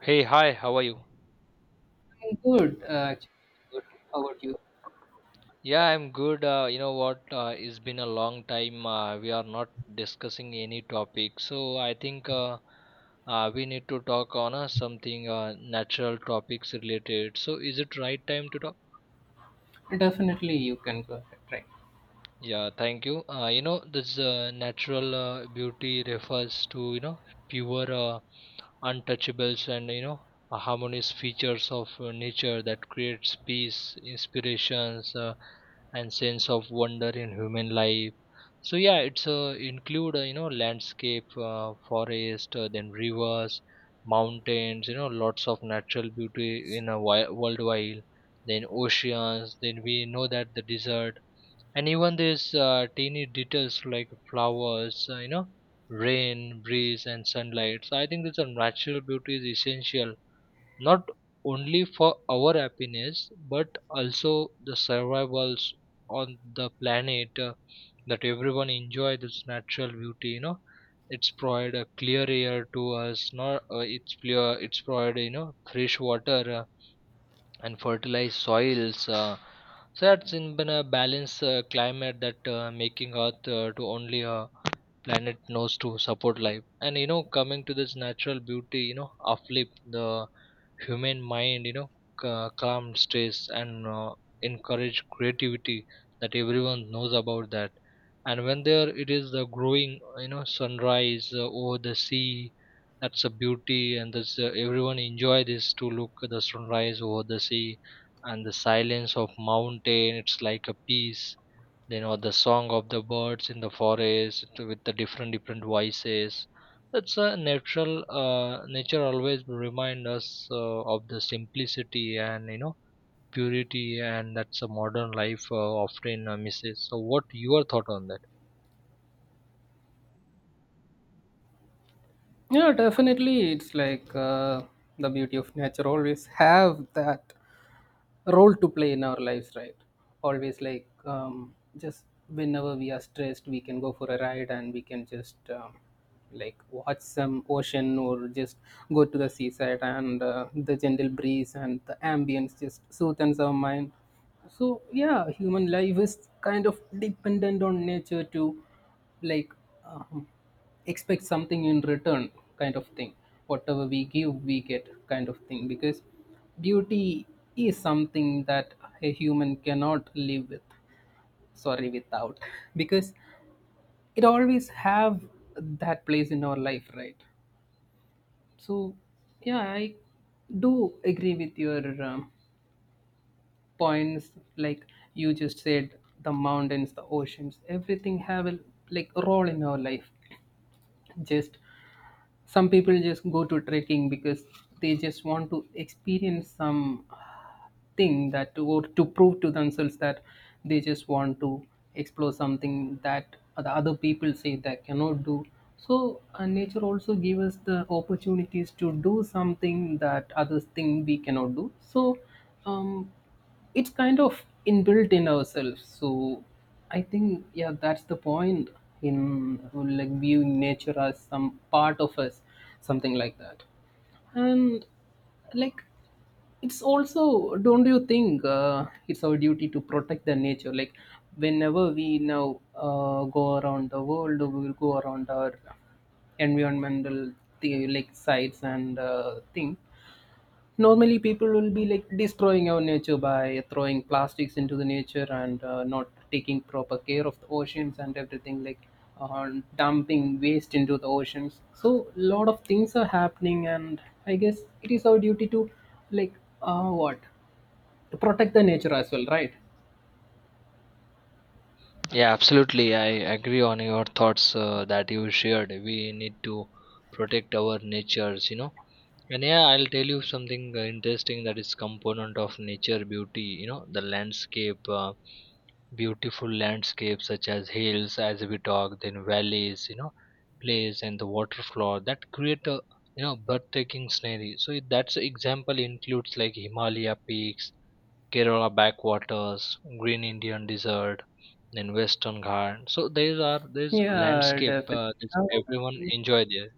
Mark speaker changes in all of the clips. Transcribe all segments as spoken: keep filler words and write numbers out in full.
Speaker 1: Hey, hi, how are you?
Speaker 2: I'm good, uh, actually. Good. How about you?
Speaker 1: Yeah, I'm good. Uh, you know what? Uh, it's been a long time. Uh, we are not discussing any topic. So I think uh, uh, we need to talk on uh, something uh, natural topics related. So is it right time to talk?
Speaker 2: Definitely, you can go ahead. Right.
Speaker 1: Yeah, thank you. Uh, you know, this uh, natural uh, beauty refers to, you know, pure uh, untouchables, and you know uh, harmonious features of uh, nature that creates peace, inspirations, uh, and sense of wonder in human life. So yeah, it's uh, include uh, you know, landscape, uh, forest, uh, then rivers, mountains, you know, lots of natural beauty in a wi- worldwide, then oceans, then we know that the desert, and even these uh, teeny details like flowers, uh, you know, rain, breeze, and sunlight. So I think this natural beauty is essential not only for our happiness but also the survivals on the planet, uh, that everyone enjoy this natural beauty, you know. It's provide a clear air to us, not uh, it's clear it's provide, you know, fresh water uh, and fertilized soils. Uh, so that's in been a balanced uh, climate that uh, making Earth uh, to only a planet knows to support life. And you know, coming to this natural beauty, you know, uplift the human mind, you know, ca- calm stress, and uh, encourage creativity, that everyone knows about that. And when there it is the growing, you know, sunrise uh, over the sea, that's a beauty, and that's uh, everyone enjoy this, to look at the sunrise over the sea. And the silence of mountain, it's like a peace. You know, the song of the birds in the forest with the different different voices, that's a natural. Uh, nature always remind us uh, of the simplicity and, you know, purity, and that's a modern life uh, often uh, misses. So what your thought on that?
Speaker 2: Yeah, definitely. It's like uh, the beauty of nature always have that role to play in our lives, right? Always like um, just whenever we are stressed, we can go for a ride and we can just um, like watch some ocean or just go to the seaside and uh, the gentle breeze and the ambience just soothes our mind. So yeah, human life is kind of dependent on nature to like um, expect something in return, kind of thing, whatever we give we get, kind of thing, because duty is something that a human cannot live with, sorry, without, because it always have that place in our life, right? So, yeah, I do agree with your um, points, like you just said, the mountains, the oceans, everything have a like a role in our life. Just some people just go to trekking because they just want to experience some thing that or to prove to themselves that they just want to explore something that the other people say they cannot do. So uh, nature also gives us the opportunities to do something that others think we cannot do. So um, it's kind of inbuilt in ourselves. So I think yeah, that's the point in like viewing nature as some part of us, something like that. And like it's also, don't you think uh, it's our duty to protect the nature? Like whenever we now uh, go around the world, we will go around our environmental the, like sites and uh, thing. Normally people will be like destroying our nature by throwing plastics into the nature and uh, not taking proper care of the oceans and everything, like uh, dumping waste into the oceans. So a lot of things are happening, and I guess it is our duty to like uh, what, to protect the nature as well, right?
Speaker 1: Yeah, absolutely, I agree on your thoughts uh, that you shared. We need to protect our natures, you know. And yeah, I'll tell you something uh, interesting that is component of nature beauty. You know, the landscape. Uh, beautiful landscapes such as hills, as we talk, then valleys, you know, plays and the water flow that create a, you know, breathtaking scenery. So it- that's example includes like Himalaya peaks, Kerala backwaters, green Indian desert, then Western Ghats. So these are this
Speaker 2: Yeah,
Speaker 1: landscape,
Speaker 2: definitely.
Speaker 1: uh, this
Speaker 2: Now,
Speaker 1: everyone enjoy there.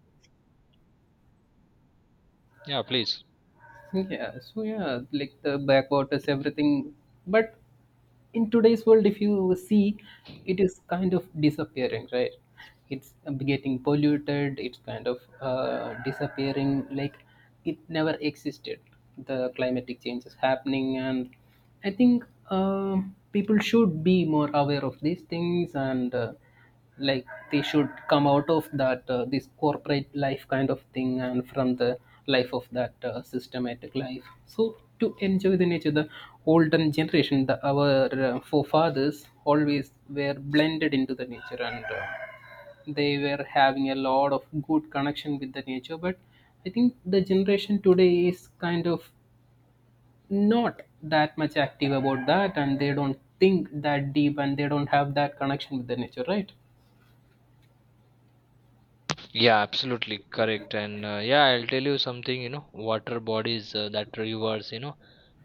Speaker 1: Yeah, please.
Speaker 2: yeah, so yeah, like the backwaters, everything. But in today's world, if you see, it is kind of disappearing, right? It's uh, getting polluted, it's kind of uh, disappearing, like it never existed. The climatic change is happening, and I think um people should be more aware of these things and uh, like they should come out of that uh, this corporate life kind of thing, and from the life of that uh, systematic life, so to enjoy the nature. The olden generation, the our uh, forefathers always were blended into the nature, and uh, they were having a lot of good connection with the nature. But I think the generation today is kind of not that much active about that, and they don't think that deep, and they don't have that connection with the nature, right?
Speaker 1: Yeah, absolutely correct. And uh, yeah, I'll tell you something, you know, water bodies, uh, that rivers, you know,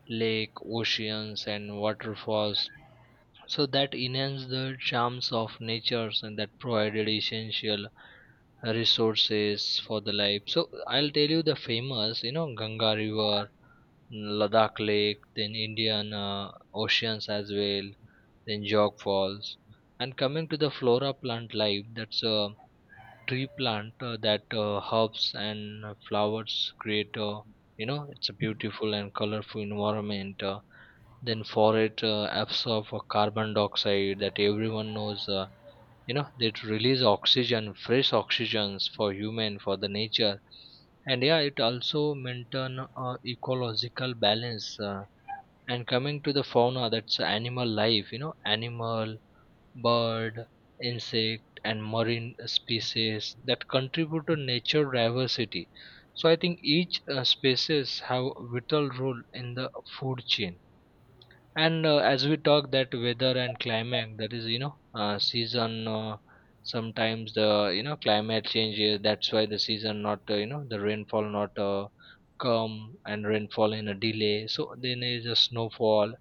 Speaker 1: lake, oceans, and waterfalls. So that enhance the charms of natures, and that provided essential resources for the life. So I'll tell you the famous, you know, Ganga River, mm, Ladakh Lake, then Indian uh, oceans as well, then Jog Falls. And coming to the flora plant life, that's uh, tree plant uh, that uh, herbs and uh, flowers create uh, you know, it's a beautiful and colorful environment. Uh, then forest uh, absorb uh, carbon dioxide, that everyone knows. Uh, you know, they release oxygen, fresh oxygens, for human, for the nature. And yeah, it also maintain uh, ecological balance. Uh, and coming to the fauna, that's animal life, you know, animal, bird, insect, and marine species that contribute to nature diversity. So I think each uh, species have vital role in the food chain. And uh, as we talk that weather and climate, that is, you know, uh, season. Uh, sometimes the, you know, climate changes. That's why the season not uh, you know, the rainfall not uh, come, and rainfall in a delay. So then there is a snowfall,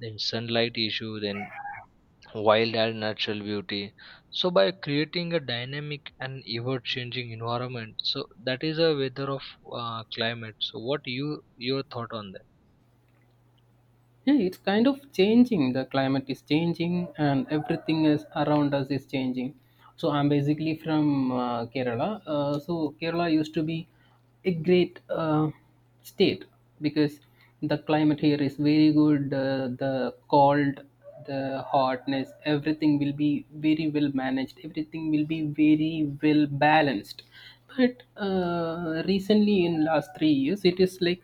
Speaker 1: then sunlight issue, then wild and natural beauty, so by creating a dynamic and ever changing environment. So that is a weather of uh, climate. So what you your thought on that?
Speaker 2: Yeah, it's kind of changing. The climate is changing and everything is around us is changing. So I'm basically from uh, Kerala, uh, so Kerala used to be a great uh, state because the climate here is very good. Uh, the cold, the hotness, everything will be very well managed, everything will be very well balanced. But uh, recently in last three years it is like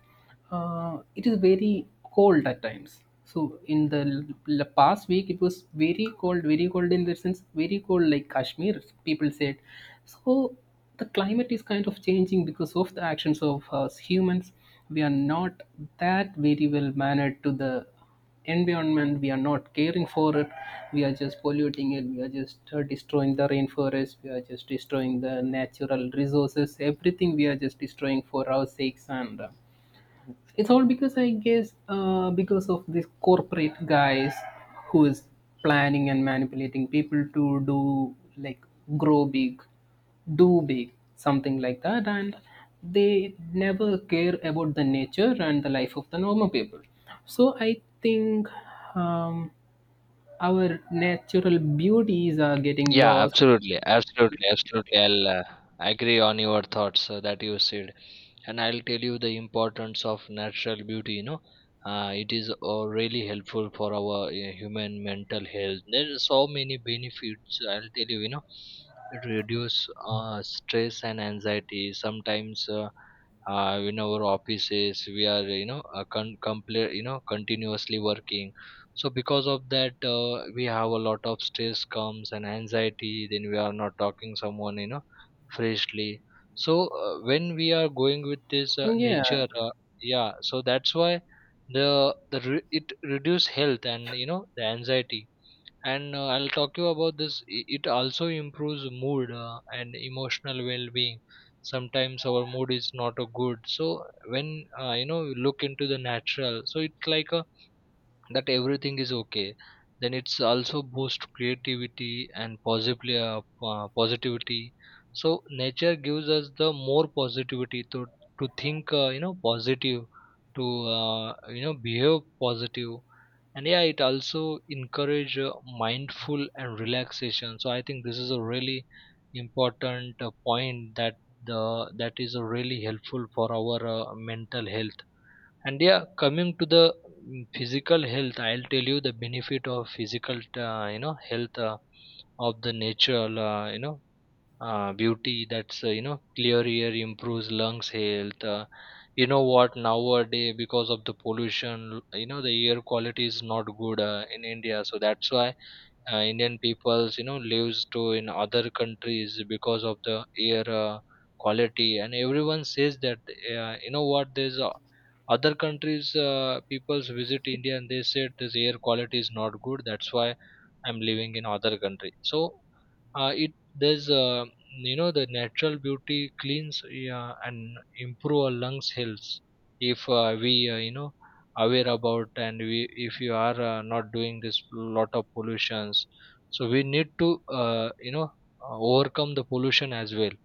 Speaker 2: uh, it is very cold at times. So in the l- l- past week it was very cold, very cold, in the sense very cold like Kashmir, people said. So the climate is kind of changing because of the actions of us humans. We are not that very well mannered to the environment, we are not caring for it, we are just polluting it, we are just uh, destroying the rainforest, we are just destroying the natural resources, everything we are just destroying for our sakes. And uh, it's all because I guess uh, because of these corporate guys who is planning and manipulating people to do like grow big, do big, something like that, and they never care about the nature and the life of the normal people. So I think um, our natural beauties are getting
Speaker 1: Yeah,
Speaker 2: lost.
Speaker 1: absolutely, absolutely, absolutely. I'll uh, agree on your thoughts uh, that you said, and I'll tell you the importance of natural beauty. You know, uh, it is uh, really helpful for our uh, human mental health. There are so many benefits. I'll tell you. You know, it reduce uh, stress and anxiety. Sometimes. Uh, uh, in our offices we are, you know, uh, con- compl- you know, continuously working, so because of that uh, we have a lot of stress comes and anxiety, then we are not talking someone, you know, freshly. So uh, when we are going with this uh,
Speaker 2: Yeah.
Speaker 1: nature uh, yeah, so that's why the the re- it reduce health and, you know, the anxiety. And uh, I'll talk you about this, i- it also improves mood uh, and emotional well-being. Sometimes our mood is not a good, so when uh, you know, you look into the natural, so it's like a, that everything is okay. Then it's also boost creativity and positively, uh, po- positivity. So nature gives us the more positivity to to think, uh, you know, positive, to, uh, you know, behave positive. And yeah, it also encourage uh, mindful and relaxation. So I think this is a really important uh, point that the, that is uh, really helpful for our uh, mental health. And yeah, coming to the, mm, physical health, I'll tell you the benefit of physical, uh, you know, health uh, of the natural, uh, you know, uh, beauty, that's uh, you know, clear air improves lungs health. Uh, you know what, nowadays because of the pollution, you know, the air quality is not good uh, in India, so that's why uh, Indian peoples, you know, lives to in other countries because of the air uh, quality, and everyone says that uh, you know what, there's uh, other countries uh, peoples visit India, and they said this air quality is not good, that's why I'm living in other country. So uh, it there's uh, you know, the natural beauty cleans uh, and improve our lungs health, if uh, we uh, you know, aware about, and we if you are uh, not doing this lot of pollutions. So we need to uh, you know, uh, overcome the pollution as well.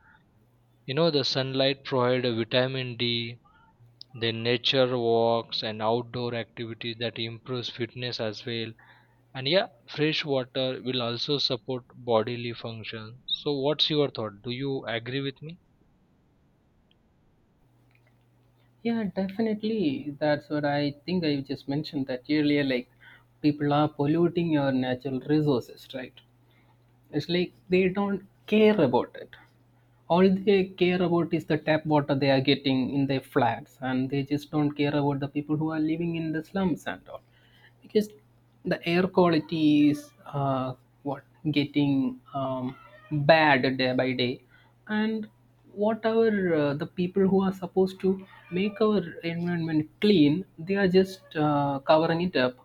Speaker 1: You know, the sunlight provide a vitamin D, then nature walks and outdoor activities that improves fitness as well. And yeah, fresh water will also support bodily function. So, what's your thought? Do you agree with me?
Speaker 2: Yeah, definitely. That's what I think I just mentioned that earlier. Like, people are polluting your natural resources, right? It's like they don't care about it. All they care about is the tap water they are getting in their flats, and they just don't care about the people who are living in the slums and all, because the air quality is uh, what, getting um, bad day by day. And whatever uh, the people who are supposed to make our environment clean, they are just uh, covering it up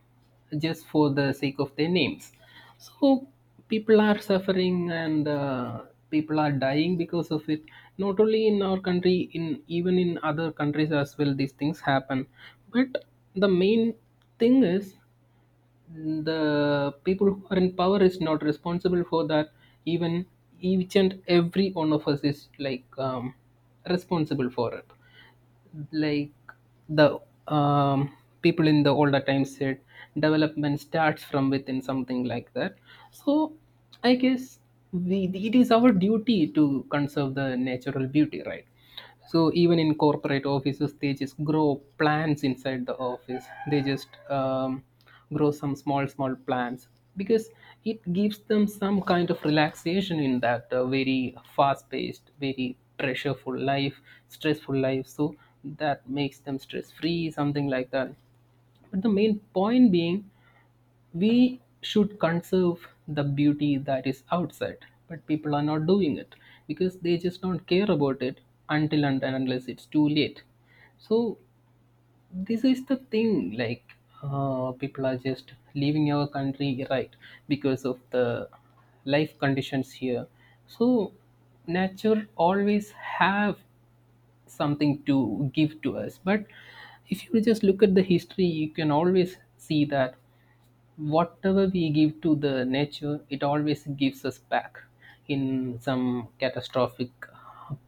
Speaker 2: just for the sake of their names. So people are suffering, and uh, people are dying because of it, not only in our country, in even in other countries as well these things happen. But the main thing is the people who are in power is not responsible for that. Even each and every one of us is like um, responsible for it. Like the um, people in the older times said development starts from within, something like that. So I guess we, it is our duty to conserve the natural beauty, right? So even in corporate offices they just grow plants inside the office, they just um, grow some small small plants, because it gives them some kind of relaxation in that uh, very fast paced, very pressureful life, stressful life. So that makes them stress free, something like that. But the main point being, we should conserve the beauty that is outside, but people are not doing it because they just don't care about it until and unless it's too late. So this is the thing. Like uh, people are just leaving our country, right? Because of the life conditions here. So nature always have something to give to us, but if you just look at the history you can always see that whatever we give to the nature, it always gives us back in some catastrophic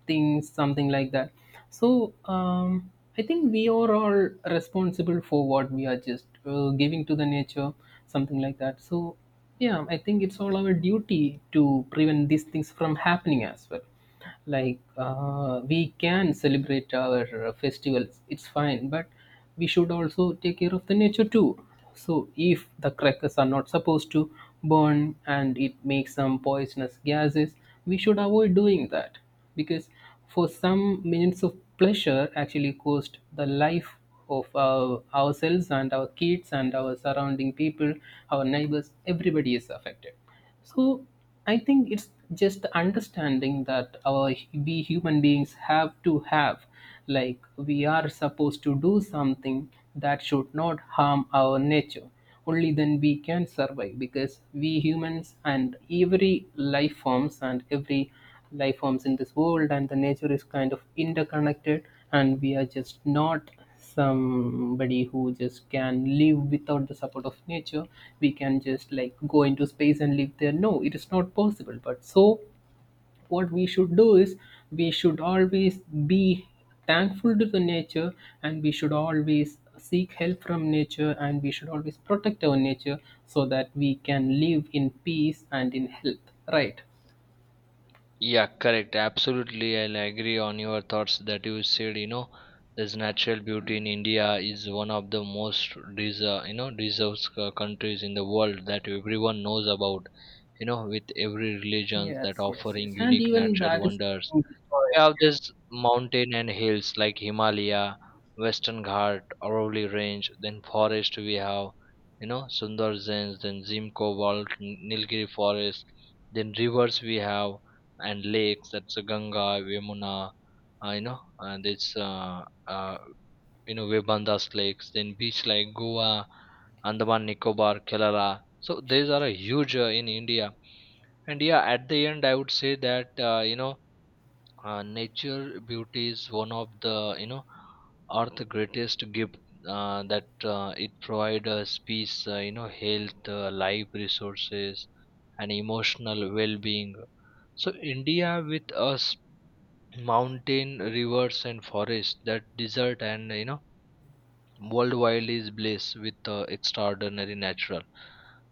Speaker 2: things, something like that. So um, I think we are all responsible for what we are just uh, giving to the nature, something like that. So yeah, I think it's all our duty to prevent these things from happening as well. Like uh, we can celebrate our festivals, it's fine, but we should also take care of the nature too. So if the crackers are not supposed to burn and it makes some poisonous gases, we should avoid doing that, because for some minutes of pleasure actually cost the life of our, ourselves and our kids and our surrounding people, our neighbors, everybody is affected. So I think it's just understanding that our, we human beings have to have, like we are supposed to do something that should not harm our nature. Only then we can survive, because we humans and every life forms and every life forms in this world and the nature is kind of interconnected. And we are just not somebody who just can live without the support of nature. We can just like go into space and live there, no it is not possible. But so what we should do is, we should always be thankful to the nature, and we should always seek help from nature, and we should always protect our nature so that we can live in peace and in health, right?
Speaker 1: Yeah, correct. Absolutely. I'll agree on your thoughts that you said, you know, this natural beauty in India is one of the most deserve, you know, deserves uh, countries in the world that everyone knows about, you know, with every religion that
Speaker 2: Yes, yes, yes,
Speaker 1: offering
Speaker 2: and
Speaker 1: unique
Speaker 2: even
Speaker 1: natural
Speaker 2: that is
Speaker 1: wonders.
Speaker 2: being destroyed.
Speaker 1: We have this mountain and hills like Himalaya, Western Ghat, Aravalli Range, then forest we have, you know, Sundarjans, then Zimco Vault, N- Nilgiri Forest, then rivers we have, and lakes, that's uh, Ganga, Vemuna, uh, you know, and it's, uh, uh, you know, Vebandas lakes, then beach like Goa, Andaman Nicobar, Kerala. So these are a huge uh, in India. And yeah, at the end, I would say that, uh, you know, uh, nature beauty is one of the, you know, earth greatest gift, uh, that uh, it provides us peace, uh, you know, health, uh, life resources, and emotional well-being. So India with us mountain, rivers and forests, that desert, and you know, worldwide is blessed with uh, extraordinary natural,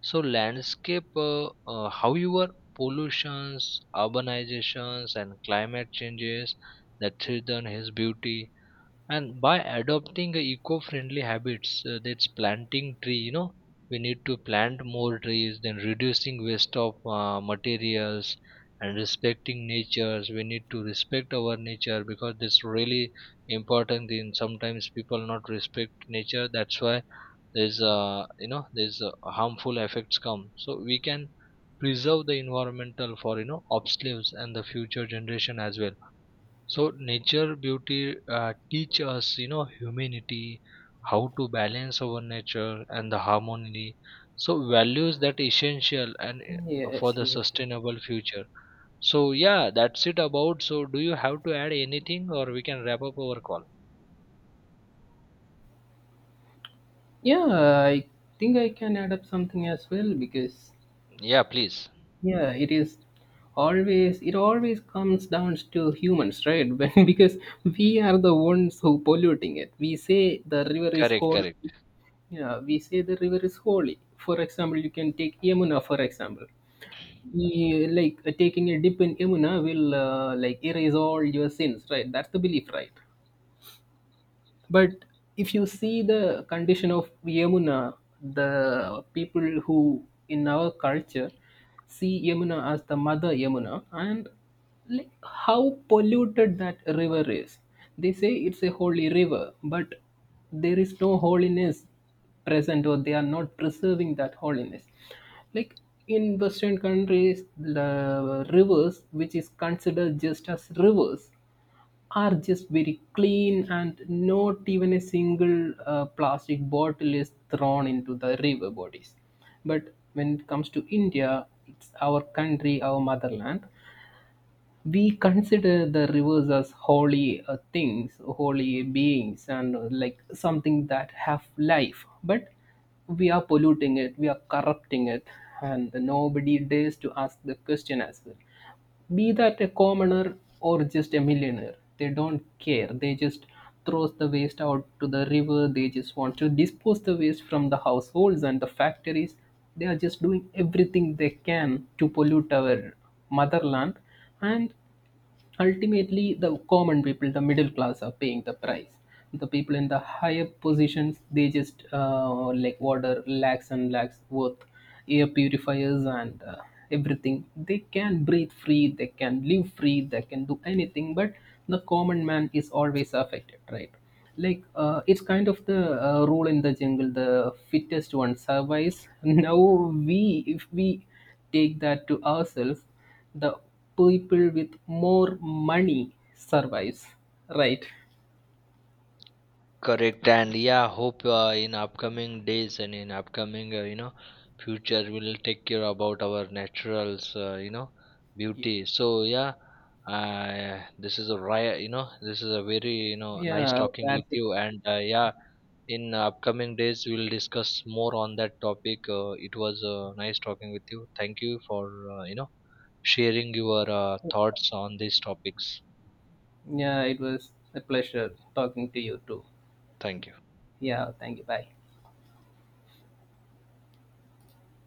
Speaker 1: so landscape, uh, uh, however, pollutions, urbanizations, and climate changes that threaten his beauty. And by adopting eco-friendly habits, uh, that's planting tree, you know, we need to plant more trees, then reducing waste of uh, materials, and respecting natures, we need to respect our nature, because that's really important, in sometimes people not respect nature, that's why there's uh, you know there's uh, harmful effects come. So we can preserve the environmental for, you know, obsolescence and the future generation as well. So nature beauty uh, teach us, you know, humanity, how to balance our nature and the harmony. So values that essential and uh, for
Speaker 2: Yes, yes,
Speaker 1: the
Speaker 2: yes.
Speaker 1: sustainable future. So yeah, that's it about. So do you have to add anything, or we can wrap up our call?
Speaker 2: Yeah, I think I can add up something as well, because
Speaker 1: Yeah, please.
Speaker 2: yeah, it is, always it always comes down to humans, right? When, because we are the ones who polluting it. We say the river is
Speaker 1: Correct,
Speaker 2: holy.
Speaker 1: correct.
Speaker 2: Yeah, we say the river is holy. For example, you can take Yamuna for example. Yeah, like uh, taking a dip in Yamuna will uh, like erase all your sins, right? That's the belief, right? But if you see the condition of Yamuna, the people who in our culture see Yamuna as the mother Yamuna, and like how polluted that river is. They say it's a holy river, but there is no holiness present, or they are not preserving that holiness. Like in Western countries, the rivers, which is considered just as rivers, are just very clean and not even a single uh, plastic bottle is thrown into the river bodies. But when it comes to India, it's our country, our motherland, we consider the rivers as holy uh, things, holy beings, and uh, like something that have life. But we are polluting it, we are corrupting it, and nobody dares to ask the question as well, be that a commoner or just a millionaire, they don't care, they just throws the waste out to the river, they just want to dispose the waste from the households and the factories. They are just doing everything they can to pollute our motherland. And ultimately the common people, the middle class are paying the price. The people in the higher positions, they just uh, like water lakhs and lakhs worth air purifiers and uh, everything. They can breathe free, they can live free, they can do anything, but the common man is always affected, right? Like uh, it's kind of the uh, rule in the jungle, the fittest one survives. Now we, if we take that to ourselves, the people with more money survives, right?
Speaker 1: Correct, and yeah, hope uh, in upcoming days and in upcoming uh, you know, future we'll take care about our naturals uh, you know,
Speaker 2: Ye-
Speaker 1: beauty. So yeah, uh, this is a ri- you know, this is a very, you know, nice
Speaker 2: yeah,
Speaker 1: talking
Speaker 2: that's
Speaker 1: with
Speaker 2: it.
Speaker 1: you, and uh, yeah, in upcoming days we'll discuss more on that topic. Uh, it was uh, nice talking with you. Thank you for uh, you know, sharing your uh, thoughts on these topics.
Speaker 2: Yeah, it was a pleasure talking to you too.
Speaker 1: Thank you.
Speaker 2: Yeah, thank you, bye.